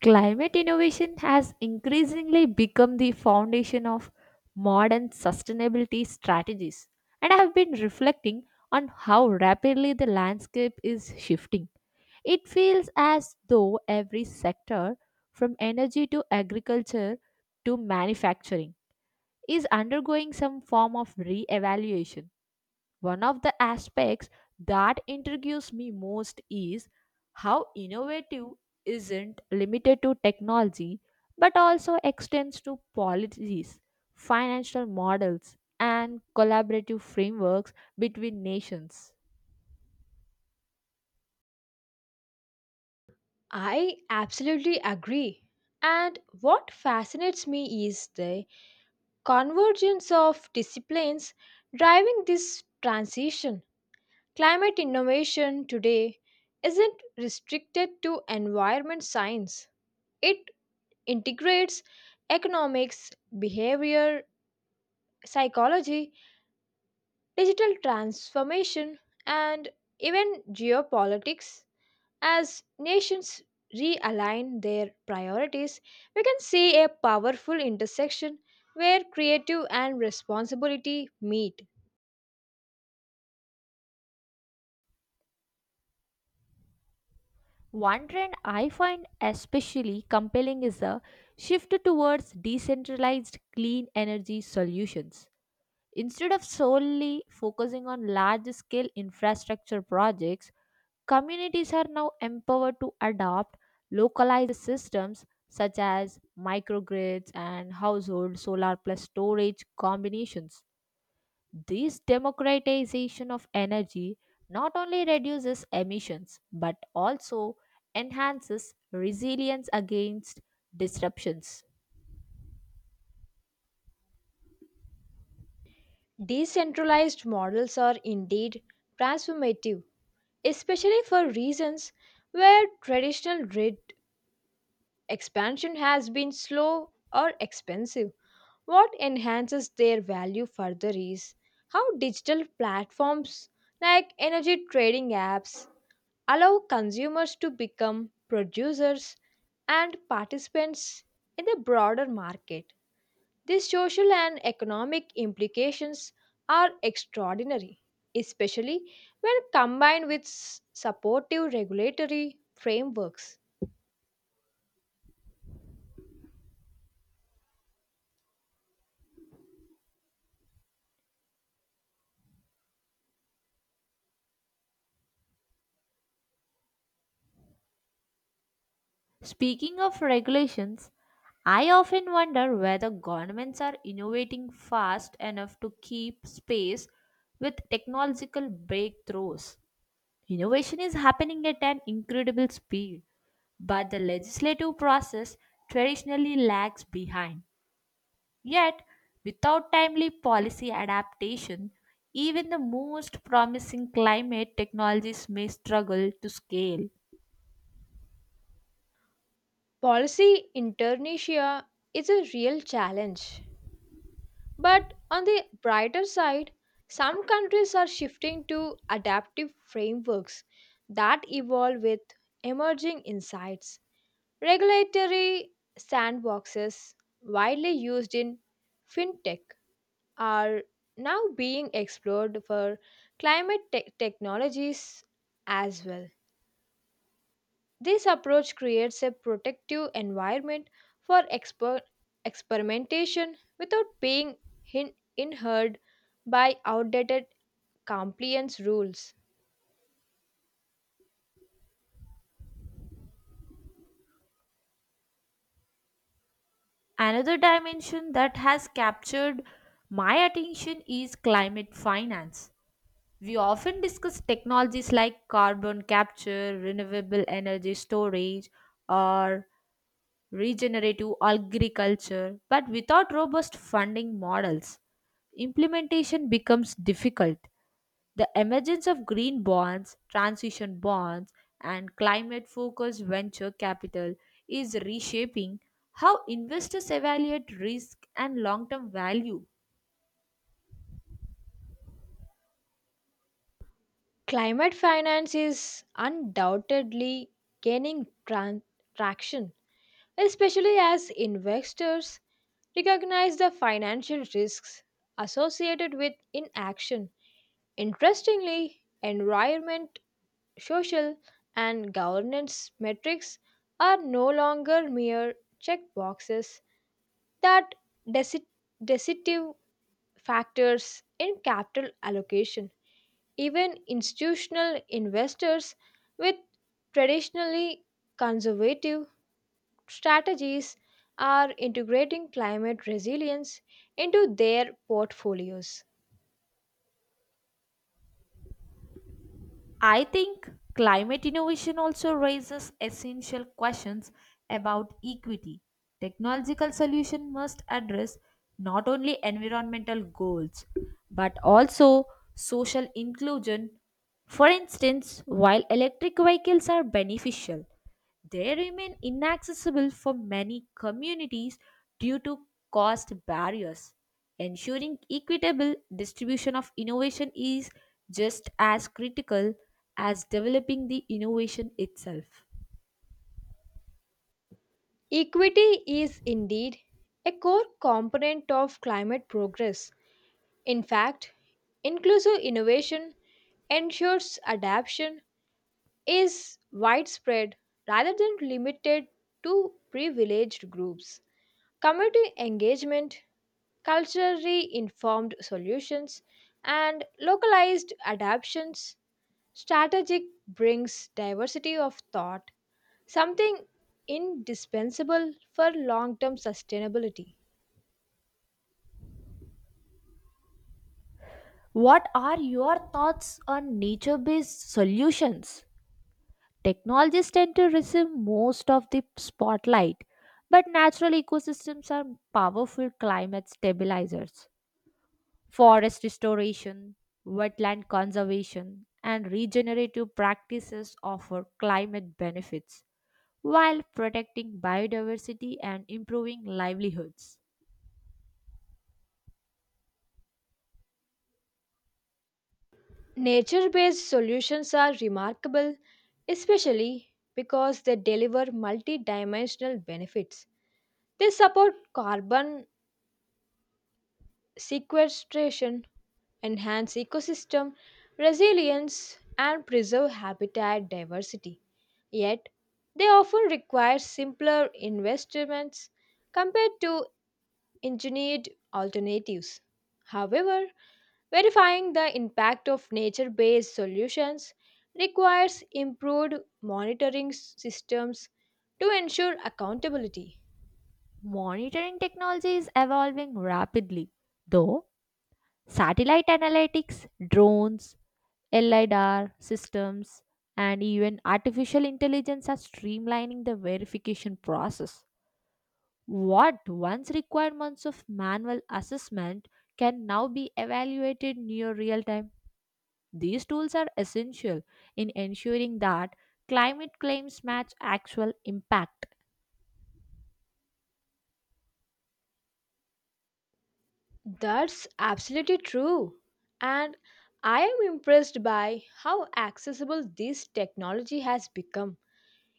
Climate innovation has increasingly become the foundation of modern sustainability strategies, and I have been reflecting on how rapidly the landscape is shifting. It feels as though every sector, from energy to agriculture to manufacturing, is undergoing some form of re evaluation. One of the aspects that intrigues me most is how innovative isn't limited to technology but also extends to policies, financial models, and collaborative frameworks between nations. I absolutely agree. And what fascinates me is the convergence of disciplines driving this transition. Climate innovation today isn't restricted to environment science, it integrates economics, behavior, psychology, digital transformation, and even geopolitics. As nations realign their priorities, we can see a powerful intersection where creative and responsibility meet. One trend I find especially compelling is the shift towards decentralized clean energy solutions. Instead of solely focusing on large scale infrastructure projects, communities are now empowered to adopt localized systems such as microgrids and household solar plus storage combinations. This democratization of energy not only reduces emissions but also enhances resilience against disruptions. Decentralized models are indeed transformative, especially for regions where traditional grid expansion has been slow or expensive. What enhances their value further is how digital platforms like energy trading apps allow consumers to become producers and participants in the broader market. The social and economic implications are extraordinary, especially when combined with supportive regulatory frameworks. Speaking of regulations, I often wonder whether governments are innovating fast enough to keep pace with technological breakthroughs. Innovation is happening at an incredible speed, but the legislative process traditionally lags behind. Yet, without timely policy adaptation, even the most promising climate technologies may struggle to scale. Policy inertia is a real challenge, but on the brighter side, some countries are shifting to adaptive frameworks that evolve with emerging insights. Regulatory sandboxes, widely used in fintech, are now being explored for technologies as well. This approach creates a protective environment for experimentation without being inhered by outdated compliance rules. Another dimension that has captured my attention is climate finance. We often discuss technologies like carbon capture, renewable energy storage, or regenerative agriculture, but without robust funding models, implementation becomes difficult. The emergence of green bonds, transition bonds, and climate focused venture capital is reshaping how investors evaluate risk and long term value. Climate finance is undoubtedly gaining traction, especially as investors recognize the financial risks associated with inaction. Interestingly, environment social, and governance metrics are no longer mere checkboxes that deci- decisive factors in capital allocation. Even institutional investors with traditionally conservative strategies are integrating climate resilience into their portfolios. I think climate innovation also raises essential questions about equity. Technological solution must address not only environmental goals but also social inclusion. For instance, while electric vehicles are beneficial, they remain inaccessible for many communities due to cost barriers. Ensuring equitable distribution of innovation is just as critical as developing the innovation itself. Equity is indeed a core component of climate progress. In fact, inclusive innovation ensures adaptation is widespread rather than limited to privileged groups. Community engagement, culturally informed solutions, and localized adaptations strategic brings diversity of thought, something indispensable for long-term sustainability. What are your thoughts on nature based solutions? Technologies tend to receive most of the spotlight, but natural ecosystems are powerful climate stabilizers. Forest restoration, wetland conservation, and regenerative practices offer climate benefits while protecting biodiversity and improving livelihoods. Nature based solutions are remarkable, especially because they deliver multi dimensional benefits. They support carbon sequestration, enhance ecosystem resilience, and preserve habitat diversity. Yet, they often require simpler investments compared to engineered alternatives. However, verifying the impact of nature based solutions requires improved monitoring systems to ensure accountability. Monitoring technology is evolving rapidly, though satellite analytics, drones, LIDAR systems, and even artificial intelligence are streamlining the verification process. What once required months of manual assessment can now be evaluated near real time. These tools are essential in ensuring that climate claims match actual impact. That's absolutely true. And I am impressed by how accessible this technology has become.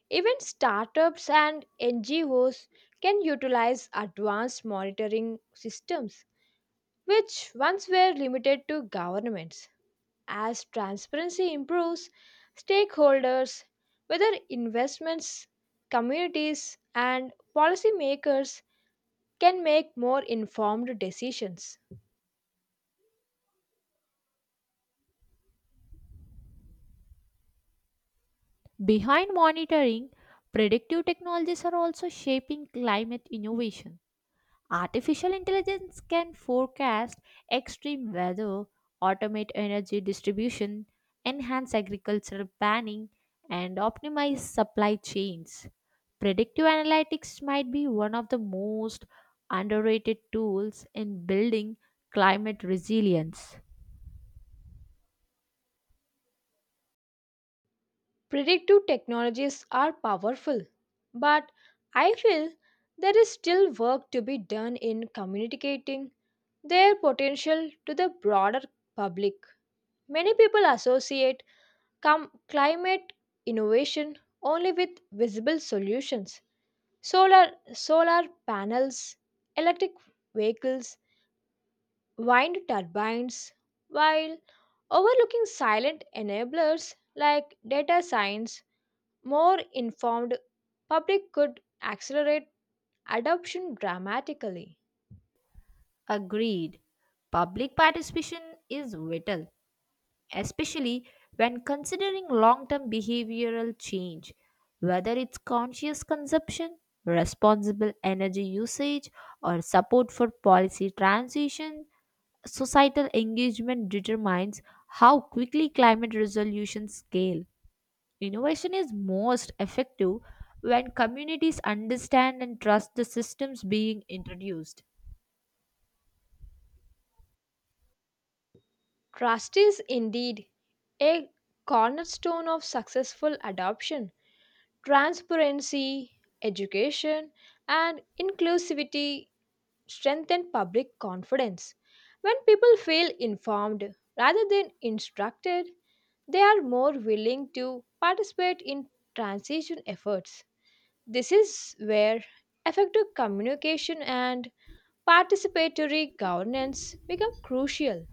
Even startups and NGOs can utilize advanced monitoring systems, which once were limited to governments. As transparency improves, stakeholders, whether investments, communities, and policymakers, can make more informed decisions. Behind monitoring, predictive technologies are also shaping climate innovation. Artificial intelligence can forecast extreme weather, automate energy distribution, enhance agricultural planning, and optimize supply chains. Predictive analytics might be one of the most underrated tools in building climate resilience. Predictive technologies are powerful, but I feel there is still work to be done in communicating their potential to the broader public. Many people associate climate innovation only with visible solutions. Solar, solar panels, electric vehicles, wind turbines, while overlooking silent enablers like data science, more informed public could accelerate adoption dramatically. Agreed. Public participation is vital, especially when considering long term behavioral change, whether it's conscious consumption, responsible energy usage, or support for policy transition. Societal engagement determines how quickly climate resolutions scale. Innovation is most effective when communities understand and trust the systems being introduced. Trust is indeed a cornerstone of successful adoption. Transparency, education, and inclusivity strengthen public confidence. When people feel informed rather than instructed, they are more willing to participate in transition efforts. This is where effective communication and participatory governance become crucial.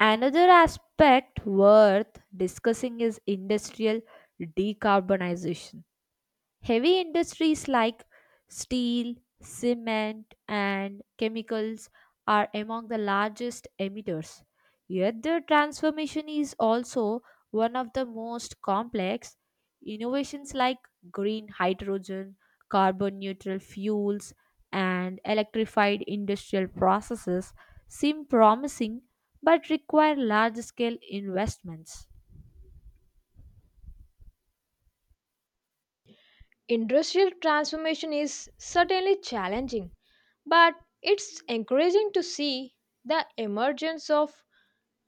Another aspect worth discussing is industrial decarbonization. Heavy industries like steel, cement, and chemicals are among the largest emitters. Yet, the transformation is also one of the most complex. Innovations like green hydrogen, carbon neutral fuels, and electrified industrial processes seem promising but require large scale investments. Industrial transformation is certainly challenging, but it's encouraging to see the emergence of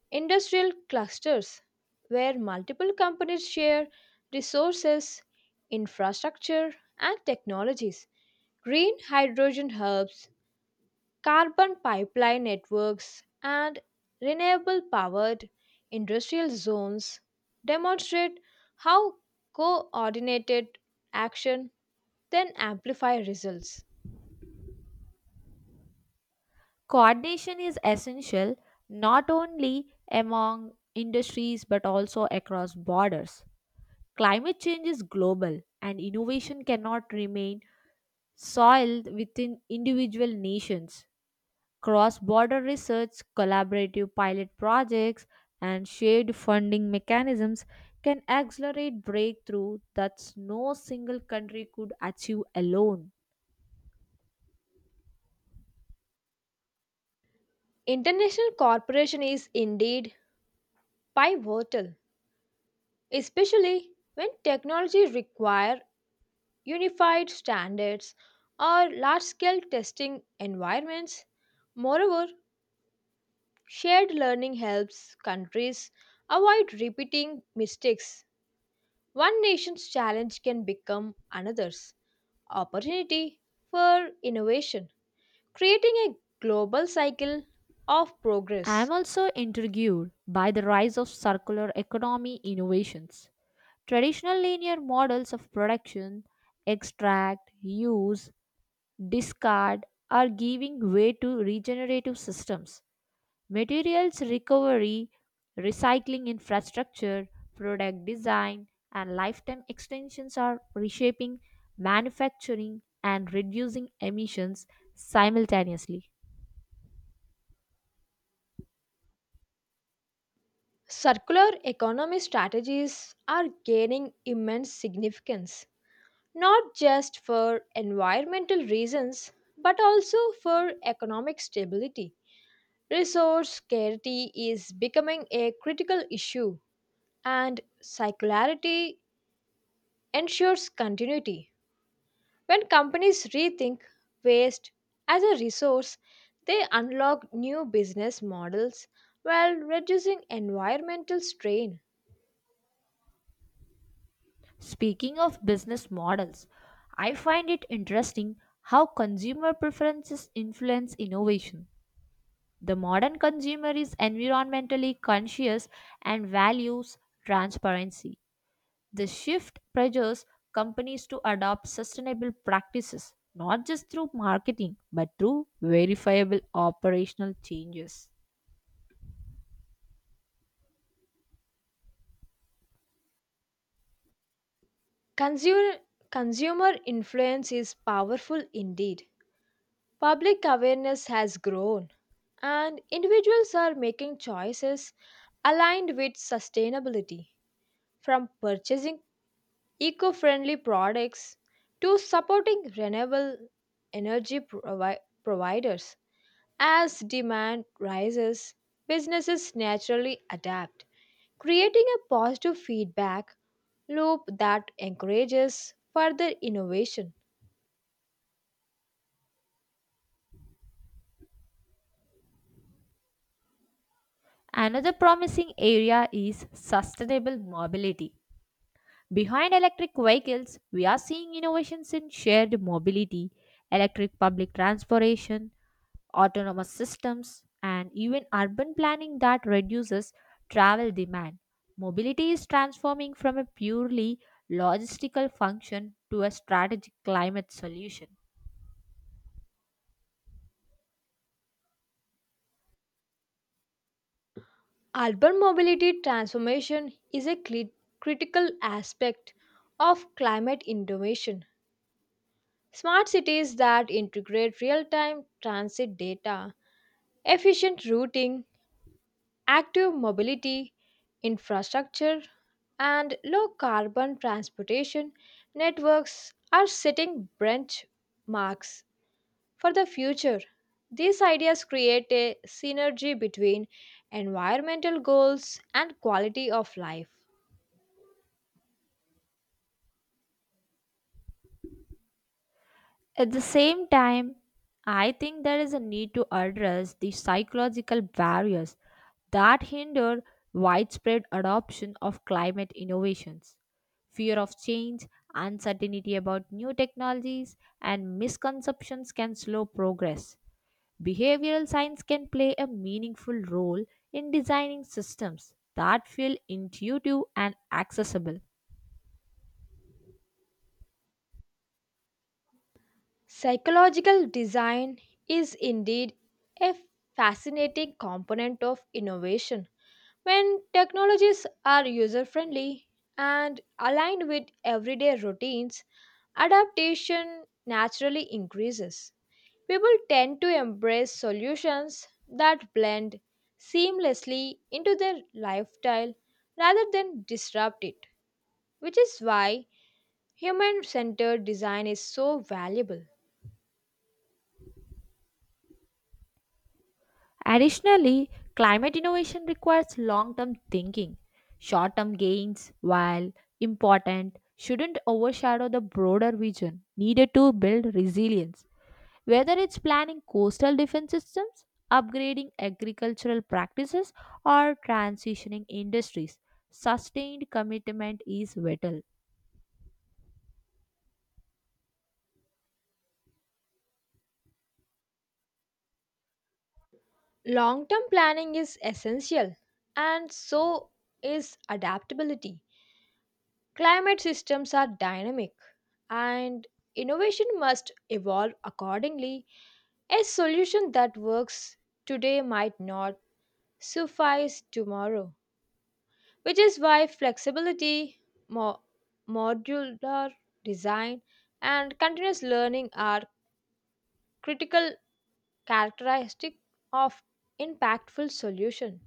industrial clusters, where multiple companies share resources, infrastructure, and technologies. Green hydrogen hubs, carbon pipeline networks, and renewable powered industrial zones demonstrate how coordinated action then amplify results. Coordination is essential not only among industries but also across borders. Climate change is global and innovation cannot remain soiled within individual nations. Cross border research, collaborative pilot projects, and shared funding mechanisms can accelerate breakthrough that no single country could achieve alone. International cooperation is indeed pivotal, especially when technology requires unified standards, or large scale testing environments. Moreover, shared learning helps countries avoid repeating mistakes. One nation's challenge can become another's opportunity for innovation, creating a global cycle of I am progress. also intrigued by the rise of circular economy innovations. Traditional linear models of production, extract, use, discard, are giving way to regenerative systems, materials recovery, recycling infrastructure, product design, and lifetime extensions are reshaping manufacturing and reducing emissions simultaneously. Circular economy strategies are gaining immense significance not just for environmental reasons but also for economic stability. Resource scarcity is becoming a critical issue, and circularity ensures continuity. When companies rethink waste as a resource, they unlock new business models while reducing environmental strain. Speaking of business models, I find it interesting how consumer preferences influence innovation. The modern consumer is environmentally conscious and values transparency. The shift pressures companies to adopt sustainable practices, not just through marketing, but through verifiable operational changes. Consumer, consumer influence is powerful indeed. Public awareness has grown, and individuals are making choices aligned with sustainability, from purchasing eco friendly products to supporting renewable energy providers. As demand rises, businesses naturally adapt, creating a positive feedback loop that encourages further innovation. Another promising area is sustainable mobility. Behind electric vehicles, we are seeing innovations in shared mobility, electric public transportation, autonomous systems, and even urban planning that reduces travel demand. Mobility is transforming from a purely logistical function to a strategic climate solution. Urban mobility transformation is a critical aspect of climate innovation. Smart cities that integrate real time transit data, efficient routing, active mobility, infrastructure, and low carbon transportation networks are setting benchmarks for the future. These ideas create a synergy between environmental goals and quality of life. At the same time, I think there is a need to address the psychological barriers that hinder widespread adoption of climate innovations. Fear of change, uncertainty about new technologies, and misconceptions can slow progress. Behavioral science can play a meaningful role in designing systems that feel intuitive and accessible. Psychological design is indeed a fascinating component of innovation. When technologies are user friendly and aligned with everyday routines, adaptation naturally increases. People tend to embrace solutions that blend seamlessly into their lifestyle rather than disrupt it, which is why human centered design is so valuable. Additionally, climate innovation requires long term thinking. Short term gains, while important, shouldn't overshadow the broader vision needed to build resilience. Whether it's planning coastal defense systems, upgrading agricultural practices, or transitioning industries, sustained commitment is vital. Long term planning is essential, and so is adaptability. Climate systems are dynamic, and innovation must evolve accordingly. A solution that works today might not suffice tomorrow, which is why flexibility, mo- modular design, and continuous learning are critical characteristics of impactful solution.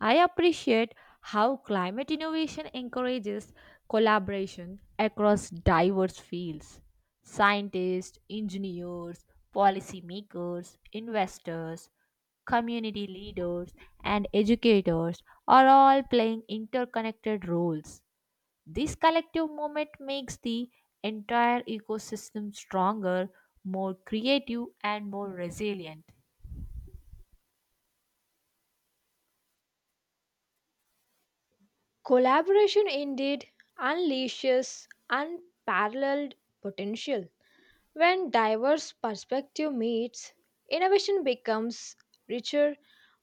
I appreciate how climate innovation encourages collaboration across diverse fields: scientists, engineers, policymakers, investors, community leaders, and educators are all playing interconnected roles. This collective movement makes the entire ecosystem stronger, more creative, and more resilient. Collaboration indeed unleashes unparalleled potential. When diverse perspective meets, innovation becomes richer,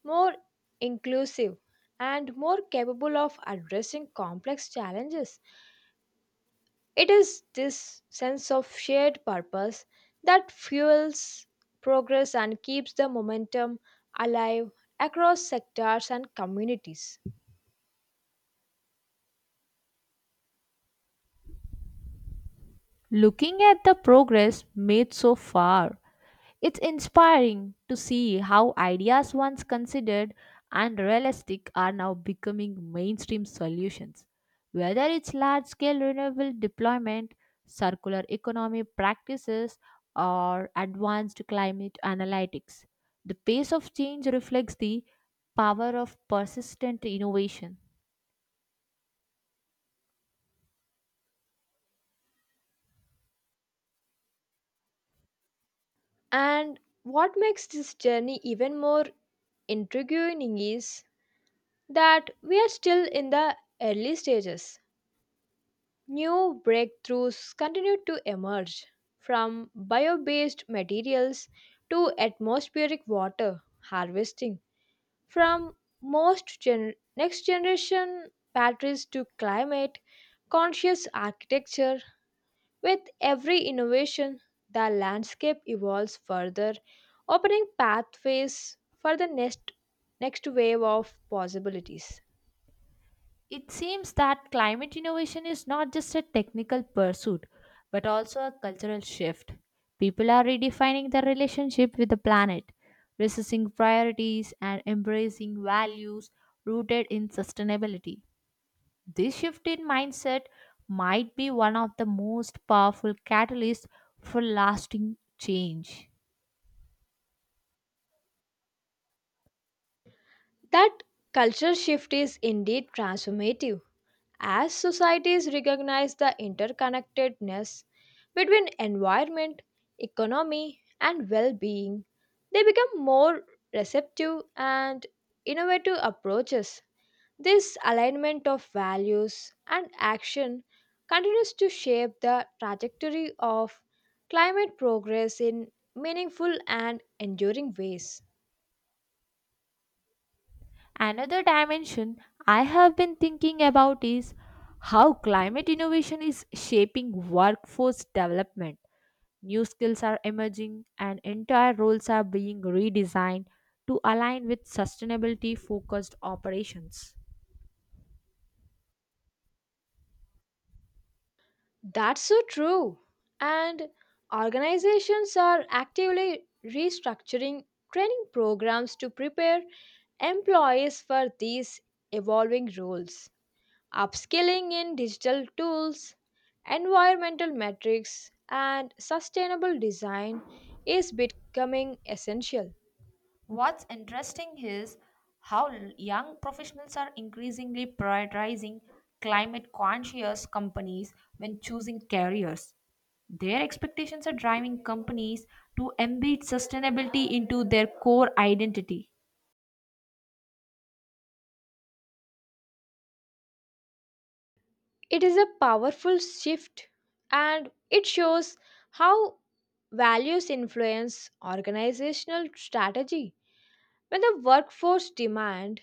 more inclusive, and more capable of addressing complex challenges. It is this sense of shared purpose that fuels progress and keeps the momentum alive across sectors and communities. Looking at the progress made so far, it's inspiring to see how ideas once considered unrealistic are now becoming mainstream solutions. Whether it's large scale renewable deployment, circular economy practices, or advanced climate analytics, the pace of change reflects the power of persistent innovation. And what makes this journey even more intriguing is that we are still in the early stages. New breakthroughs continue to emerge, from bio based materials to atmospheric water harvesting, from next generation batteries to climate conscious architecture with every innovation, the landscape evolves further, opening pathways for the next wave of possibilities. It seems that climate innovation is not just a technical pursuit, but also a cultural shift. People are redefining their relationship with the planet, resisting priorities and embracing values rooted in sustainability. This shift in mindset might be one of the most powerful catalysts for lasting change. That culture shift is indeed transformative as societies recognize the interconnectedness between environment, economy, and well being. They become more receptive and innovative approaches. This alignment of values and action continues to shape the trajectory of climate progress in meaningful and enduring ways. Another dimension I have been thinking about is how climate innovation is shaping workforce development. New skills are emerging and entire roles are being redesigned to align with sustainability focused operations. That's so true. And organizations are actively restructuring training programs to prepare employees for these evolving roles. Upskilling in digital tools, environmental metrics, and sustainable design is becoming essential. What's interesting is how young professionals are increasingly prioritizing climate conscious companies when choosing careers. Their expectations are driving companies to embed sustainability into their core identity. It is a powerful shift and it shows how values influence organizational strategy. When the workforce demand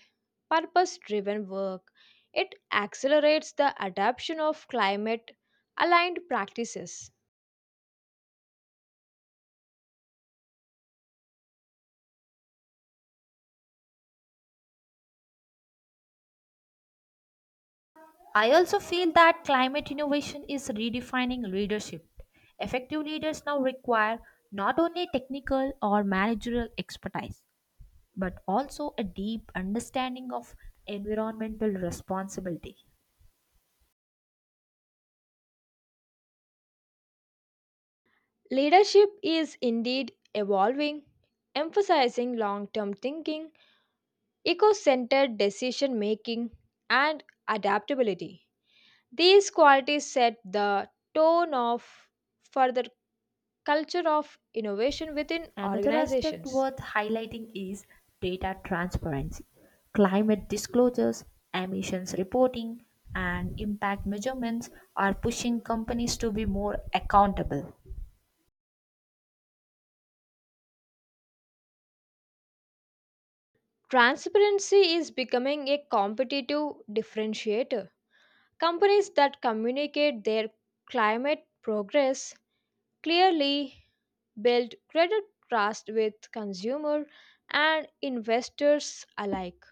purpose driven work, it accelerates the adoption of climate aligned practices. I also feel that climate innovation is redefining leadership. Effective leaders now require not only technical or managerial expertise but also a deep understanding of environmental responsibility. Leadership is indeed evolving, emphasizing long term thinking, eco centered decision making, and adaptability. These qualities set the tone of for the culture of innovation within Another aspect organizations. worth highlighting is data transparency. Climate disclosures, emissions reporting, and impact measurements are pushing companies to be more accountable. Transparency is becoming a competitive differentiator. Companies that communicate their climate progress clearly build credit trust with consumer and investors alike.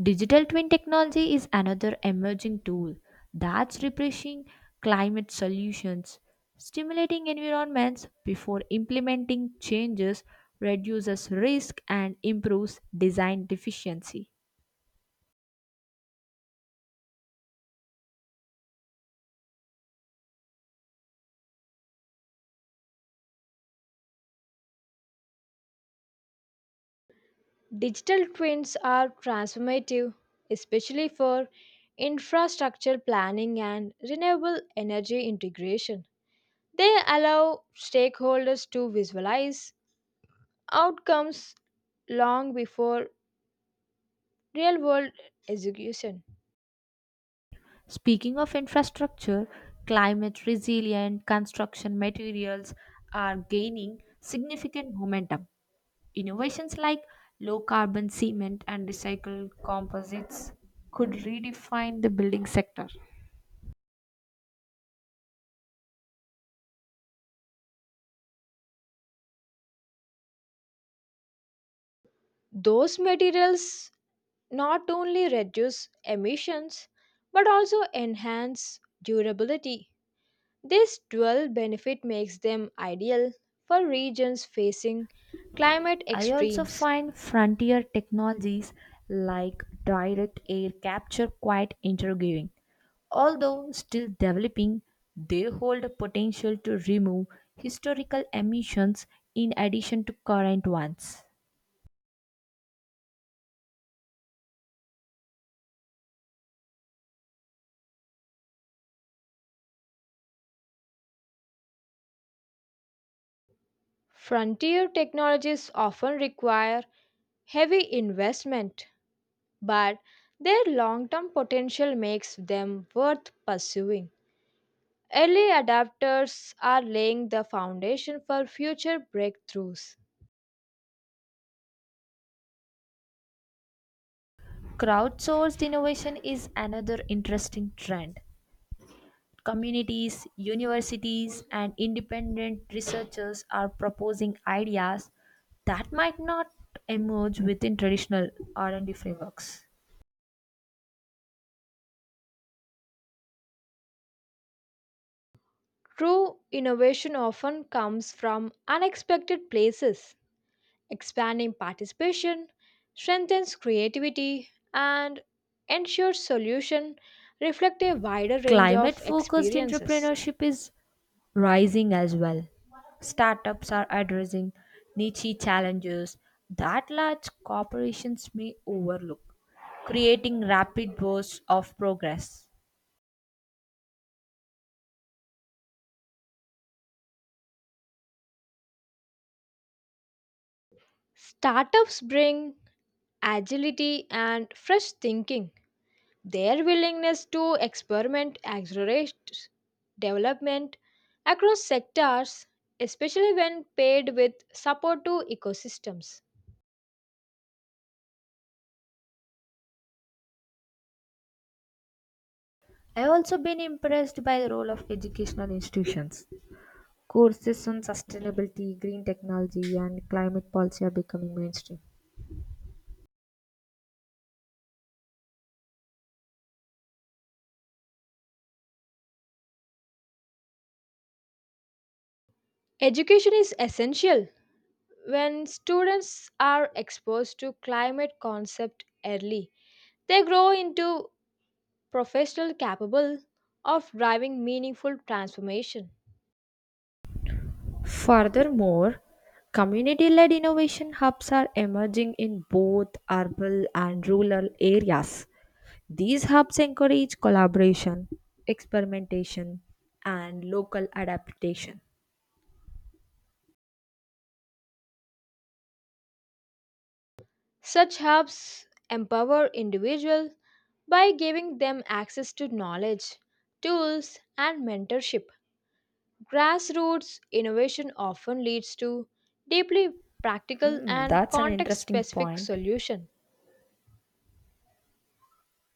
Digital twin technology is another emerging tool that's replacing climate solutions. Stimulating environments before implementing changes reduces risk and improves design efficiency. Digital twins are transformative, especially for infrastructure planning and renewable energy integration. They allow stakeholders to visualize outcomes long before real world execution. Speaking of infrastructure, climate resilient construction materials are gaining significant momentum. Innovations like low carbon cement and recycled composites could redefine the building sector. Those materials not only reduce emissions but also enhance durability. This dual benefit makes them ideal for regions facing climate I also extremes. find frontier technologies like direct air capture quite intriguing. Although still developing, they hold a potential to remove historical emissions in addition to current ones. Frontier technologies often require heavy investment, but their long term potential makes them worth pursuing. Early adapters are laying the foundation for future breakthroughs. Crowdsourced innovation is another interesting trend. Communities, universities, and independent researchers are proposing ideas that might not emerge within traditional R&D frameworks. True innovation often comes from unexpected places. Expanding participation strengthens creativity and ensures solutions reflect a wider range Climate of focused experiences. entrepreneurship is rising as well. Startups are addressing niche challenges that large corporations may overlook, creating rapid bursts of progress. Startups bring agility and fresh thinking. Their willingness to experiment accelerates development across sectors, especially when paired with support to ecosystems. I've also been impressed by the role of educational institutions. Courses on sustainability, green technology, and climate policy are becoming mainstream. Education is essential. When students are exposed to climate concept early, they grow into professionals capable of driving meaningful transformation. Furthermore, community led innovation hubs are emerging in both urban and rural areas. These hubs encourage collaboration, experimentation, and local adaptation. Such hubs empower individuals by giving them access to knowledge, tools, and mentorship. Grassroots innovation often leads to deeply practical Mm, and that's an context interesting specific point. solutions.